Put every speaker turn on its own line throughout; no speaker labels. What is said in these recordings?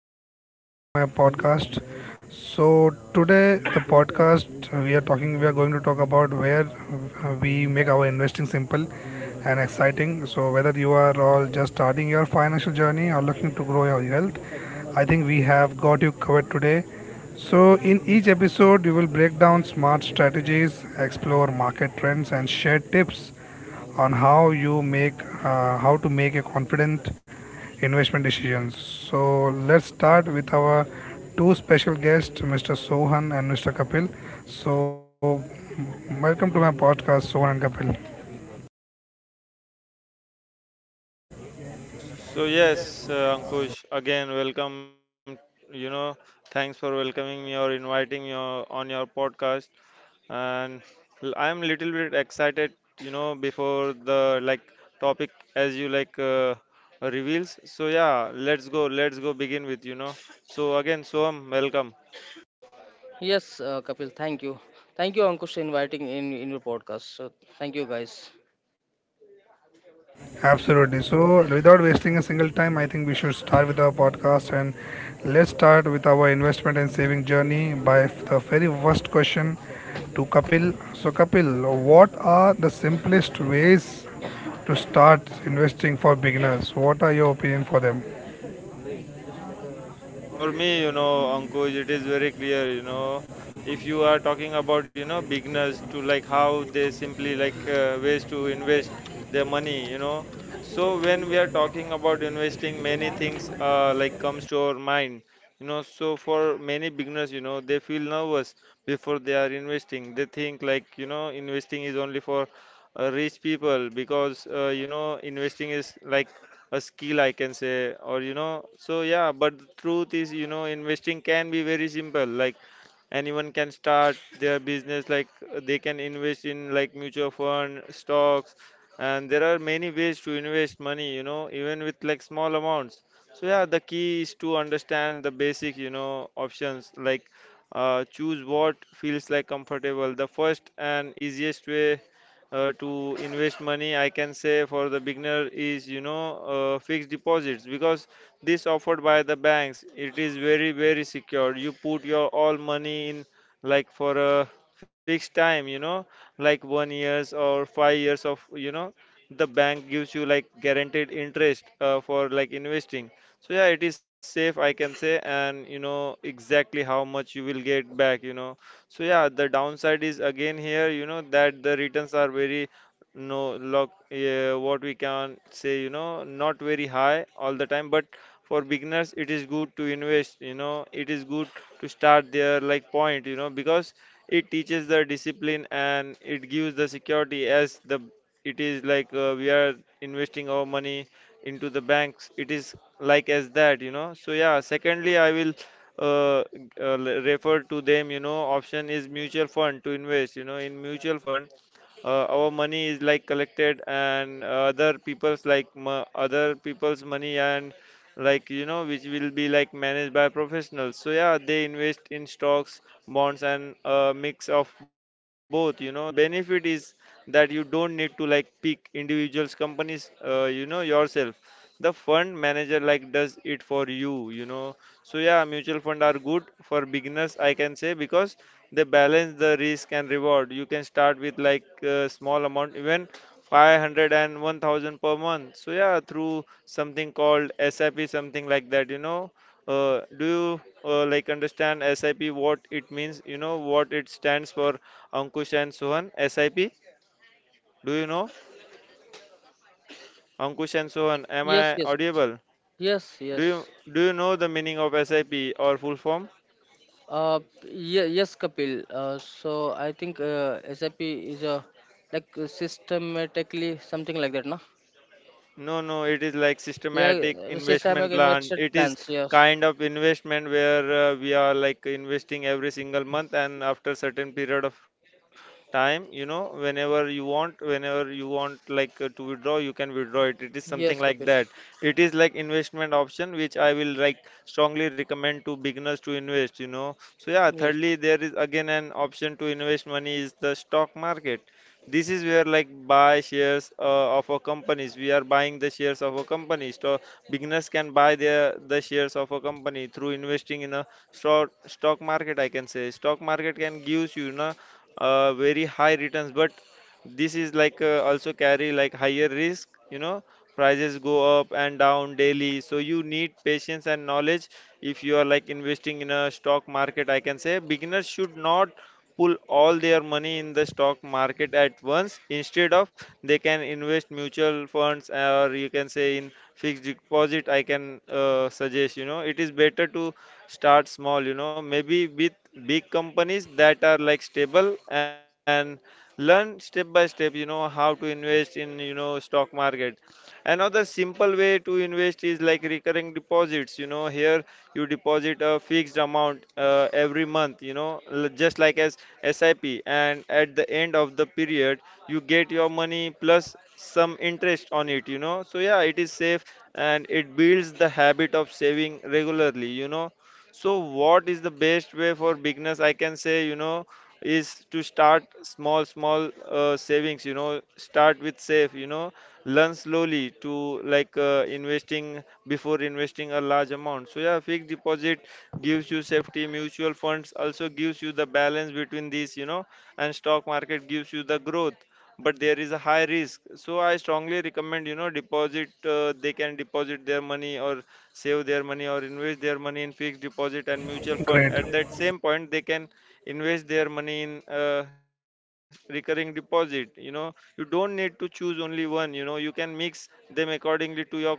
viewers. So welcome to my podcast. So today the podcast, we are talking, we are going to talk about where we make our investing simple and exciting. So whether you are all just starting your financial journey or looking to grow your health, I think we have got you covered today. So in each episode, we will break down smart strategies, explore market trends, and share tips on how to make a confident investment decisions. So let's start with our two special guests, Mr. Sohan and Mr. Kapil. So welcome to my podcast, Sohan and Kapil.
So yes, Ankush, again welcome. You know, thanks for welcoming me or inviting me on your podcast. And I'm little bit excited. You know, before the like topic as you like reveals. So yeah, let's go. Let's go begin with you know. So again, Soam, welcome.
Yes, Kapil, thank you. Thank you, Ankush, for inviting in your podcast. So thank you, guys.
Absolutely. So without wasting a single time, I think we should start with our podcast and let's start with our investment and saving journey by the very first question to Kapil. So Kapil, what are the simplest ways to start investing for beginners? What are your opinion for them?
For me, you know, Ankush, it is very clear, you know, if you are talking about, you know, beginners to like how they simply like ways to invest their money, you know. So when we are talking about investing, many things like comes to our mind, you know. So for many beginners, you know, they feel nervous before they are investing. They think like, you know, investing is only for rich people, because you know, investing is like a skill, I can say, or you know. So yeah, but the truth is, you know, investing can be very simple. Like anyone can start their business, like they can invest in like mutual fund stocks, and there are many ways to invest money, you know, even with like small amounts. So yeah, the key is to understand the basic, you know, options, like choose what feels like comfortable. The first and easiest way to invest money, I can say, for the beginner is, you know, fixed deposits. Because this offered by the banks, it is very very secure. You put your all money in like for a fixed time, you know, like 1 years or 5 years. Of you know, the bank gives you like guaranteed interest for like investing. So yeah, it is safe, I can say, and you know exactly how much you will get back, you know. So yeah, the downside is again here, you know, that the returns are very no look, what we can say, you know, not very high all the time. But for beginners, it is good to invest, you know, it is good to start their like point, you know, because it teaches the discipline and it gives the security. As the it is like, we are investing our money into the banks, it is like as that, you know. So yeah, secondly I will refer to them, you know. Option is mutual fund. To invest, you know, in mutual fund, our money is like collected and other people's like other people's money, and like, you know, which will be like managed by professionals. So yeah, they invest in stocks, bonds, and a mix of both, you know. The benefit is that you don't need to like pick individuals companies, you know, yourself. The fund manager like does it for you, you know. So yeah, mutual fund are good for beginners, I can say, because they balance the risk and reward. You can start with like a small amount, even 500 and 1000 per month. So yeah, through something called SIP, something like that, you know. Do you like understand SIP what it means? You know what it stands for, Ankush and Sohan. SIP. Do you know, Ankush and Sohan? Am
Yes,
I
yes,
audible?
yes,
Do
yes.
you do you know the meaning of SIP or full form?
Uh, yeah, yes, Kapil. So I think SAP is a systematically something like that, no?
No, no, it is like
Yeah,
systematic
systematic
investment plan.
invested
It is
plans. Yes,
kind of investment where we are like investing every single month and after certain period of time, you know, whenever you want like to withdraw, you can withdraw it. It is something
yes,
like
Kapil.
that. It is like investment option which I will like strongly recommend to beginners to invest, you know. So yeah,
Yes.
thirdly, there is again an option to invest money is the stock market. This is where like buy shares of a companies. We are buying the shares of a company. So beginners can buy their the shares of a company through investing in a stock market, I can say. Stock market can gives, you know, very high returns, but this is like also carry like higher risk, you know. Prices go up and down daily, so you need patience and knowledge if you are like investing in a stock market, I can say. Beginners should not pull all their money in the stock market at once. Instead of, they can invest mutual funds or you can say in fixed deposit, I can suggest, you know. It is better to start small, you know, maybe with big companies that are like stable, and learn step by step, you know, how to invest in, you know, stock market. Another simple way to invest is like recurring deposits. You know, here you deposit a fixed amount every month, you know, just like as SIP. And at the end of the period, you get your money plus some interest on it, you know. So, yeah, it is safe and it builds the habit of saving regularly, you know. So, what is the best way for beginners? I can say, you know, is to start small, small savings, you know. Start with safe, you know, learn slowly to like investing before investing a large amount. So yeah, fixed deposit gives you safety, mutual funds also gives you the balance between these, you know, and stock market gives you the growth, but there is a high risk. So I strongly recommend, you know, deposit, they can deposit their money or save their money or invest their money in fixed deposit and mutual fund.
Great.
At that same point, they can invest their money in recurring deposit, you know. You don't need to choose only one, you know. You can mix them accordingly to your comfort.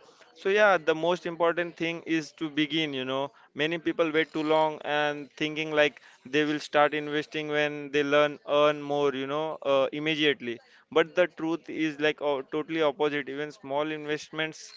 So yeah, the most important thing is to begin, you know. Many people wait too long and thinking like they will start investing when they learn earn more, you know, immediately. But the truth is like oh, totally opposite. Even small investments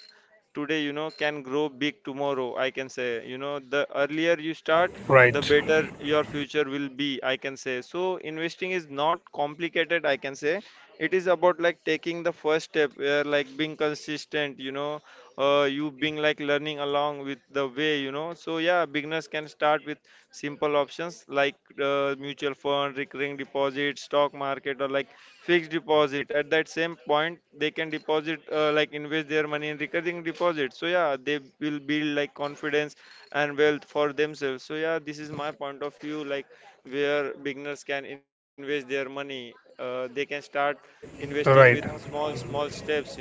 today, you know, can grow big tomorrow, I can say, you know. The earlier you start, the
Right.
better your future will be, I can say. So investing is not complicated, I can say. It is about like taking the first step, where like being consistent, you know, you being like learning along with the way, you know. So yeah, beginners can start with simple options like mutual fund, recurring deposit, stock market, or like fixed deposit. At that same point, they can deposit like invest their money in recurring deposit. So yeah, they will build like confidence and wealth for themselves. So yeah, this is my point of view. Like where beginners can invest their money, they can start investing with
Right.
small small steps, you know.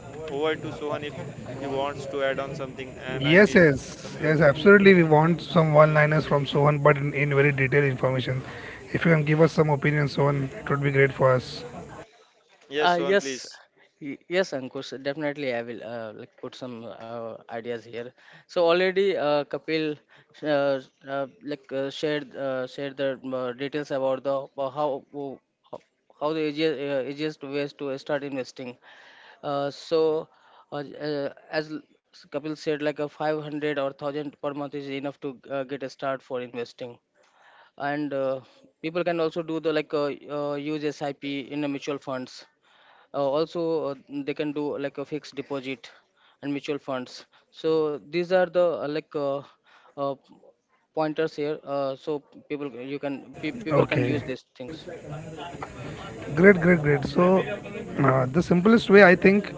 Over to Sohan if he wants to add on something, and I
Yes,
missed
yes.
somewhere.
Yes, absolutely. We want some one-liners from Sohan, but in very detailed information. If you can give us some opinions, Sohan, it would be great for us.
Yes,
Uh,
Sohan,
yes,
please.
yes, Ankush, definitely I will put some ideas here. So already Kapil uh, shared the details about the how how the easiest ways to start investing. Uh, so uh, uh, as l- Kapil said, like a 500 or 1000 per month is enough to get a start for investing. And people can also do the like use SIP in the mutual funds, also uh, they can do like a fixed deposit and mutual funds. So these are the uh, pointers here. So people can use
Okay.
these things.
Great, great, great. So, the simplest way I think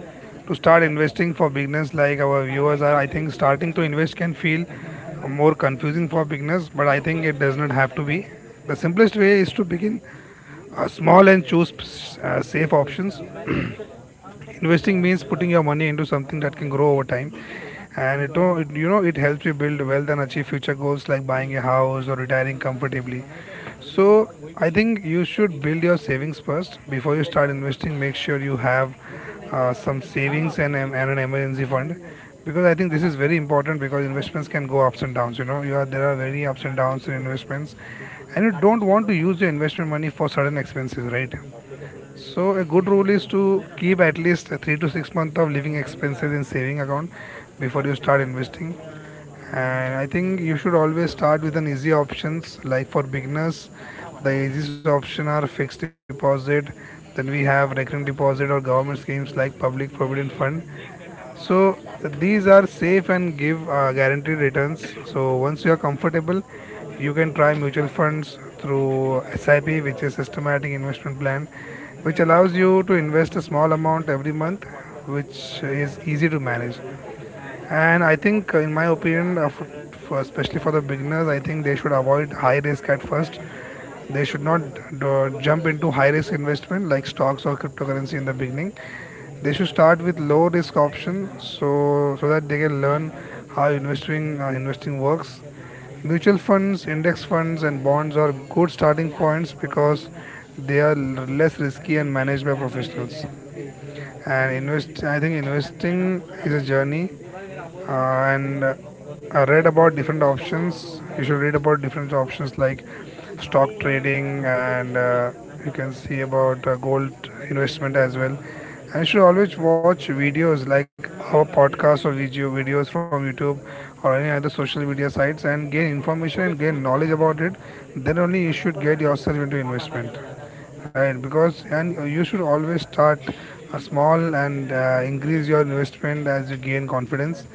to start investing for beginners like our viewers are, I think starting to invest can feel more confusing for beginners, but I think it does not have to be. The simplest way is to begin small and choose safe options. Investing means putting your money into something that can grow over time, and it it helps you build wealth and achieve future goals like buying a house or retiring comfortably. So I think you should build your savings first before you start investing. Make sure you have some savings and an emergency fund, because I think this is very important because investments can go ups and downs. You know, you are there are very ups and downs in investments, and you don't want to use your investment money for sudden expenses, right? So a good rule is to keep at least three to six months of living expenses in saving account before you start investing. And I think you should always start with an easy options. Like for beginners, the easiest option are fixed deposit. Then we have recurring deposit or government schemes like public provident fund. So these are safe and give guaranteed returns. So once you are comfortable, you can try mutual funds through SIP, which is systematic investment plan, which allows you to invest a small amount every month, which is easy to manage. And I think, in my opinion, especially for the beginners, I think they should avoid high risk at first. They should not do, jump into high risk investment like stocks or cryptocurrency in the beginning. They should start with low risk option so that they can learn how investing works. Mutual funds, index funds, and bonds are good starting points because they are less risky and managed by professionals. And I think investing is a journey, and I read about different options. You should read about different options like stock trading, and you can see about gold investment as well. And you should always watch videos like our podcast or videos from YouTube or any other social media sites and gain information and gain knowledge about it. Then only you should get yourself into investment, right? Because and you should always start a small and increase your investment as you gain confidence.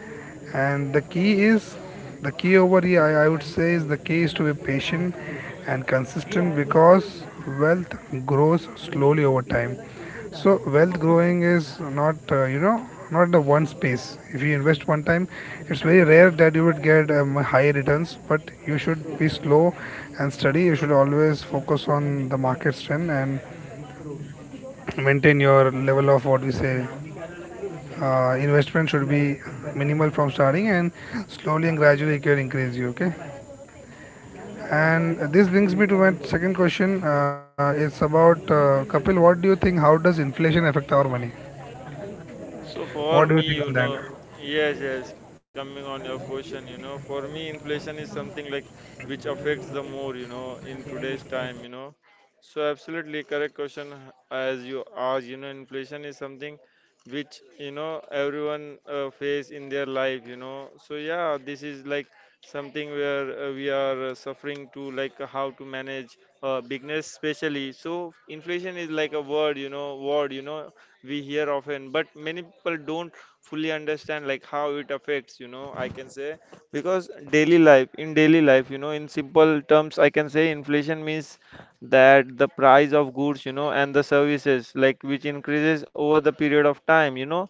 And the key over here I would say is the key is to be patient and consistent, because wealth grows slowly over time. So wealth growing is not, not in the one space. If you invest one time, it's very rare that you would get high returns, but you should be slow and steady. You should always focus on the market trend and maintain your level of what we say. Uh, investment should be minimal from starting, and slowly and gradually it can increase you. Okay, and this brings me to my second question. It's about, Kapil, what do you think, how does inflation affect our money?
So
What
for
do you
me,
think
you
on that?
know, yes, yes, coming on your question, you know, for me, inflation is something like which affects the more, you know, in today's time, you know. So absolutely correct question as you ask, you know, inflation is something which, you know, everyone face in their life, you know. So yeah, this is like something where we are suffering to like how to manage business especially. So inflation is like a word, you know, we hear often, but many people don't fully understand like how it affects, you know, I can say. Because daily life, in daily life, you know, in simple terms, I can say, inflation means that the price of goods, you know, and the services like which increases over the period of time, you know.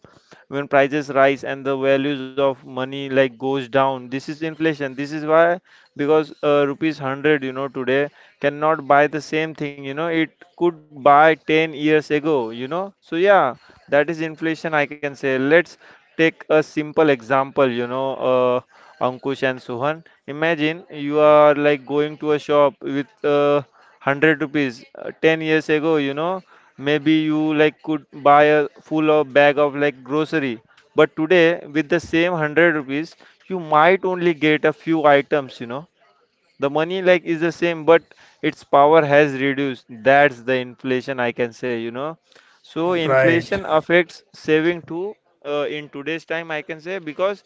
When prices rise and the values of money like goes down, this is inflation. This is why, because rupees 100, you know, today cannot buy the same thing, you know, it could buy 10 years ago, you know. So, yeah, that is inflation, I can say. Let's take a simple example, you know, uh, Ankush and Suhan. Imagine you are like going to a shop with 100 rupees 10 years ago, you know, maybe you like could buy a full of bag of like grocery. But today, with the same 100 rupees, you might only get a few items, you know. The money like is the same, but its power has reduced. That's the inflation, I can say, you know. So inflation
Right,
affects saving too in today's time, I can say, because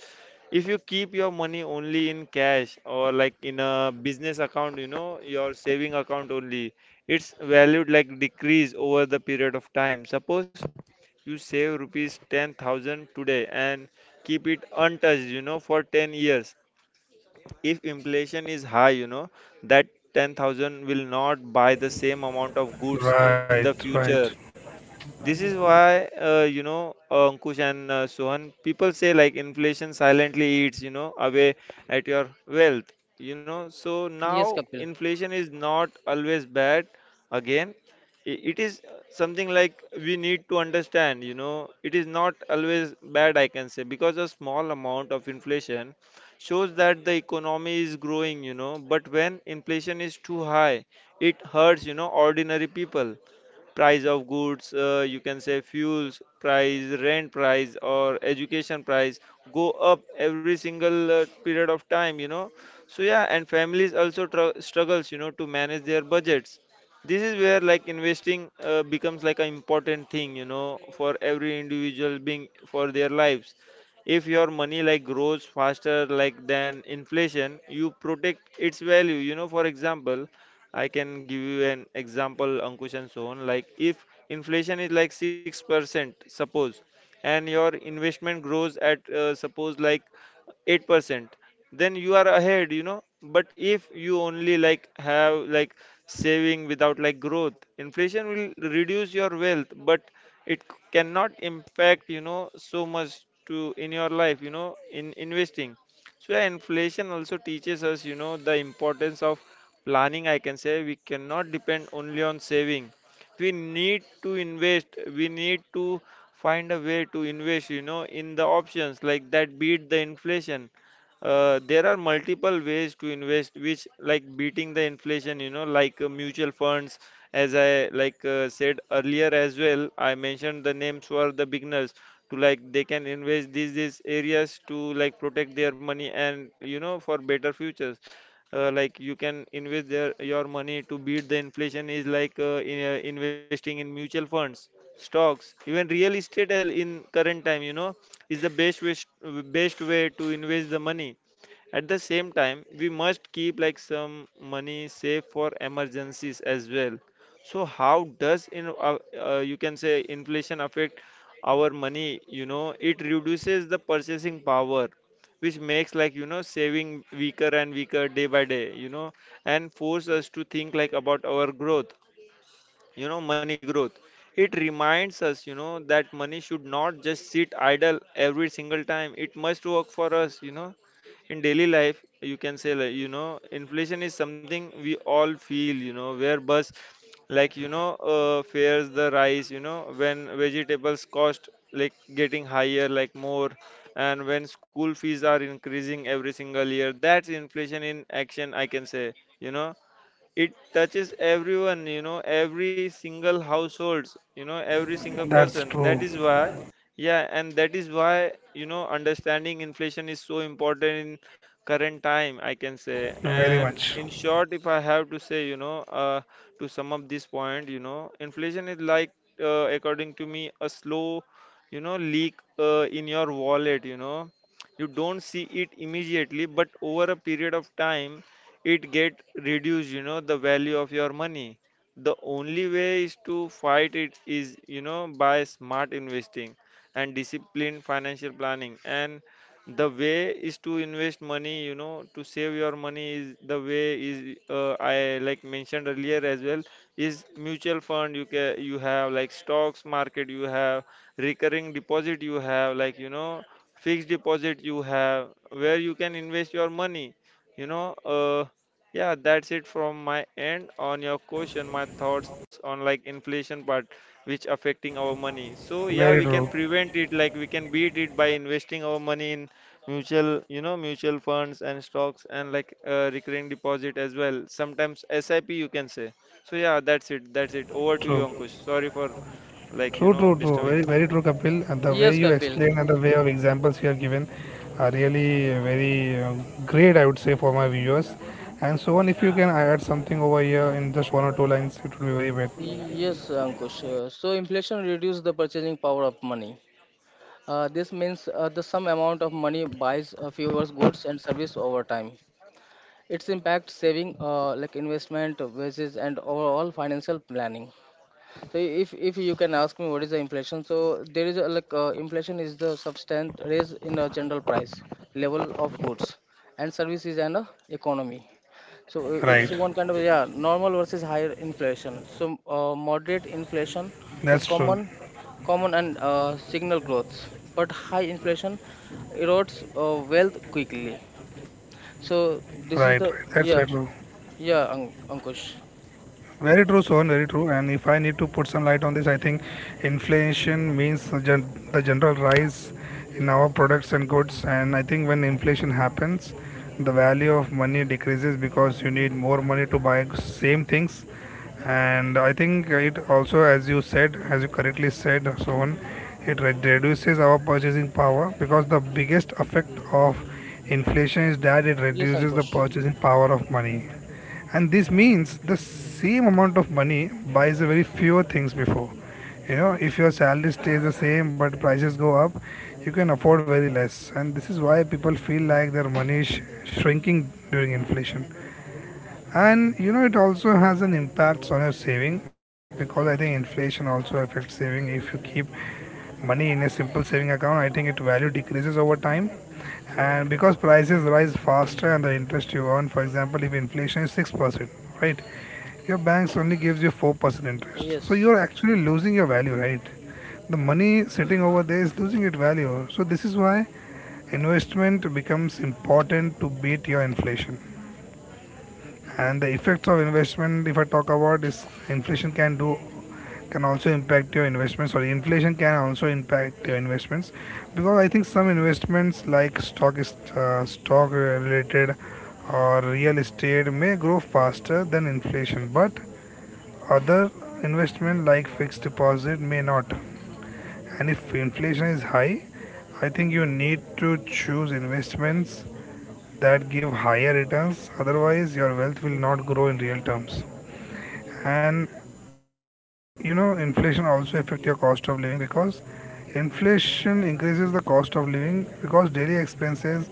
if you keep your money only in cash or like in a business account, you know, your saving account only, its value like decrease over the period of time. Suppose you save rupees 10,000 today and keep it untouched, you know, for 10 years if inflation is high, you know, that 10,000 will not buy the same amount of goods in the
right, right.
future. This is why, Ankush and Sohan, people say like inflation silently eats, you know, away at your wealth, you know. So
Yes,
now
Kapil.
inflation is not always bad. Again, it is something like we need to understand, you know, it is not always bad, I can say, because a small amount of inflation shows that the economy is growing, you know, but when inflation is too high, it hurts, you know, ordinary people. Price of goods, you can say, fuels price, rent price, or education price go up every single period of time, you know. So yeah, and families also struggles, you know, to manage their budgets. This is where like investing becomes like an important thing, you know, for every individual being for their lives. If your money like grows faster like than inflation, you protect its value, you know. For example, I can give you an example, Ankush and Sohn. Like if inflation is like 6%, suppose, and your investment grows at suppose like 8%, then you are ahead, you know. But if you only like have like saving without like growth, inflation will reduce your wealth, but it cannot impact, you know, so much to in your life, you know, in investing. So yeah, inflation also teaches us, you know, the importance of planning, I can say. We cannot depend only on saving. We need to invest, we need to find a way to invest, you know, in the options like that beat the inflation. There are multiple ways to invest which like beating the inflation, you know, like mutual funds. As I like said earlier as well, I mentioned the names for the beginners to, like, they can invest these areas to like protect their money and, you know, for better futures. Like you can invest their, your money to beat the inflation is like, investing in mutual funds, stocks, even real estate as well, in current time, you know, is the best way to invest the money. At the same time, we must keep like some money safe for emergencies as well. So how does in you can say inflation affect our money, you know? It reduces the purchasing power which makes, like, you know, saving weaker and weaker day by day, you know, and force us to think like about our growth, you know, money growth. It reminds us, you know, that money should not just sit idle every single time. It must work for us, you know. In daily life, you can say like, you know, inflation is something we all feel, you know, where bus, like, you know, fares the rise, you know, when vegetables cost like getting higher like more, and when school fees are increasing every single year, that's inflation in action, I can say, you know. It touches everyone, you know, every single households, you know, every single
That's
person.
true.
That is why, yeah, and that is why, you know, understanding inflation is so important in current time, I can say.
Very
And
much.
in short, if I have to say, you know, to sum up this point, you know, inflation is like, according to me, a slow, you know, leak, in your wallet, you know. You don't see it immediately, but over a period of time, it get reduced, you know, the value of your money. The only way is to fight it is, you know, by smart investing and disciplined financial planning. And the way is to invest money, you know, to save your money is the way is, I like mentioned earlier as well, is mutual fund. You can, you have like stocks market, you have recurring deposit, you have like, you know, fixed deposit you have, where you can invest your money, you know. Yeah, that's it from my end on your question, my thoughts on like inflation part which affecting our money. So
Very
yeah, we
true.
can prevent it, like we can beat it by investing our money in mutual, you know, mutual funds and stocks and like recurring deposit as well, sometimes SIP, you can say. So yeah, that's it, that's it. Over to
True.
you, Ankush. Sorry for like,
True,
you
true,
know,
true. Very,
disturbing.
very true, Kapil. And the way
Yes,
you
Kapil.
explain and the way of examples you have given are really, very great, I would say, for my viewers. And so on, if you can add something over here in just one or two lines, it would be very bad.
Yes, Ankush. So inflation reduces the purchasing power of money. This means the sum amount of money buys fewer goods and service over time. Its impact saving, investment wages and overall financial planning. So if you can ask me what is the inflation, so there is a, inflation is the substantial raise in a general price level of goods and services and, economy. So it's
Right.
one kind of, yeah, normal versus higher inflation. So moderate
That's
inflation
true.
is common and, signal growth, but high inflation erodes wealth quickly. So
Right, right.
this
That's
is the.
very true.
Yeah, yeah, Ankush.
Very true, Sohan. Very true. And if I need to put some light on this, I think inflation means the general rise in our products and goods. And I think when inflation happens, the value of money decreases because you need more money to buy same things. And I think it also, as you said, as you correctly said, Sohan, it reduces our purchasing power, because the biggest effect of inflation is that it
Yes,
reduces the
Ankush.
purchasing power of money, and this means the same amount of money buys a very fewer things before. You know, if your salary stays the same but prices go up, you can afford very less, and this is why people feel like their money is shrinking during inflation. And you know, it also has an impact on your saving, because I think inflation also affects saving. If you keep money in a simple saving account, I think its value decreases over time, and because prices rise faster and the interest you earn. For example, if inflation is 6%, right, your banks only gives you 4% interest, so
Yes,
you're actually losing your value, right? The money sitting over there is losing its value, so this is why investment becomes important to beat your inflation. And the effects of investment if I talk about is inflation can do can also impact your investments. Sorry, inflation can also impact your investments, because I think some investments like stock related or real estate may grow faster than inflation, but other investment like fixed deposit may not. And if inflation is high, I think you need to choose investments that give higher returns, otherwise your wealth will not grow in real terms. And you know, inflation also affect your cost of living, because inflation increases the cost of living, because daily expenses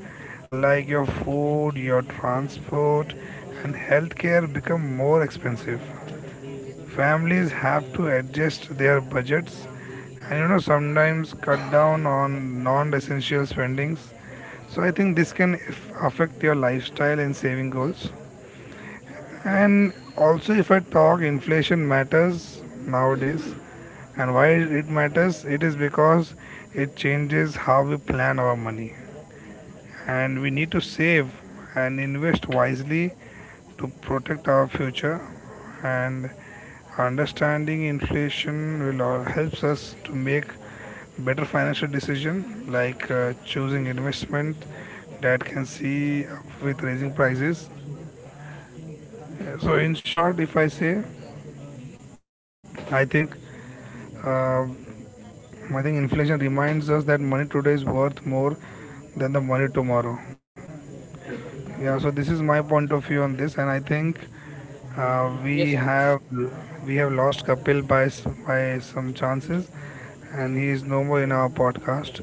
like your food, your transport, and healthcare become more expensive. Families have to adjust their budgets, and you know, sometimes cut down on non-essential spendings. So I think this can affect your lifestyle and saving goals. And also, if I talk, inflation matters nowadays. And why it matters? It is because it changes how we plan our money. And we need to save and invest wisely to protect our future. And understanding inflation will all helps us to make better financial decision like choosing investment that can see up with raising prices. So in short, if I say, I think, inflation reminds us that money today is worth more than the money tomorrow. Yeah, so this is my point of view on this, and I think uh, we
yes, Ankush.
have we have lost Kapil by by some chances, and he is no more in our podcast.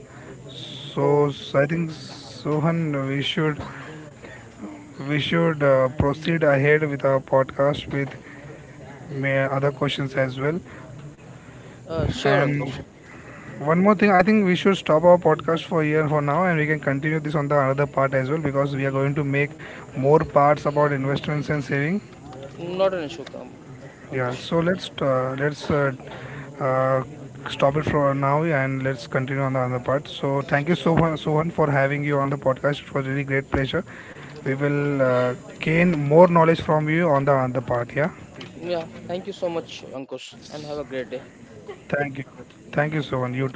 So, so I think Sohan, we should we should proceed ahead with our podcast with may other questions as well,
Sure, Ankush.
and one more thing, I think we should stop our podcast for here for now, and we can continue this on the another part as well, because we are going to make more parts about investments and saving.
Not an issue,
Yeah,
Ankush.
so let's uh, stop it for now and let's continue on the other part. So thank you so
Sure.
much, Sohan, for having you on the podcast. It was really great pleasure. We will gain more knowledge from you on the other part. Yeah,
Yeah, thank you so much, Ankush, and have a great day.
thank you, thank you, Sohan. You too.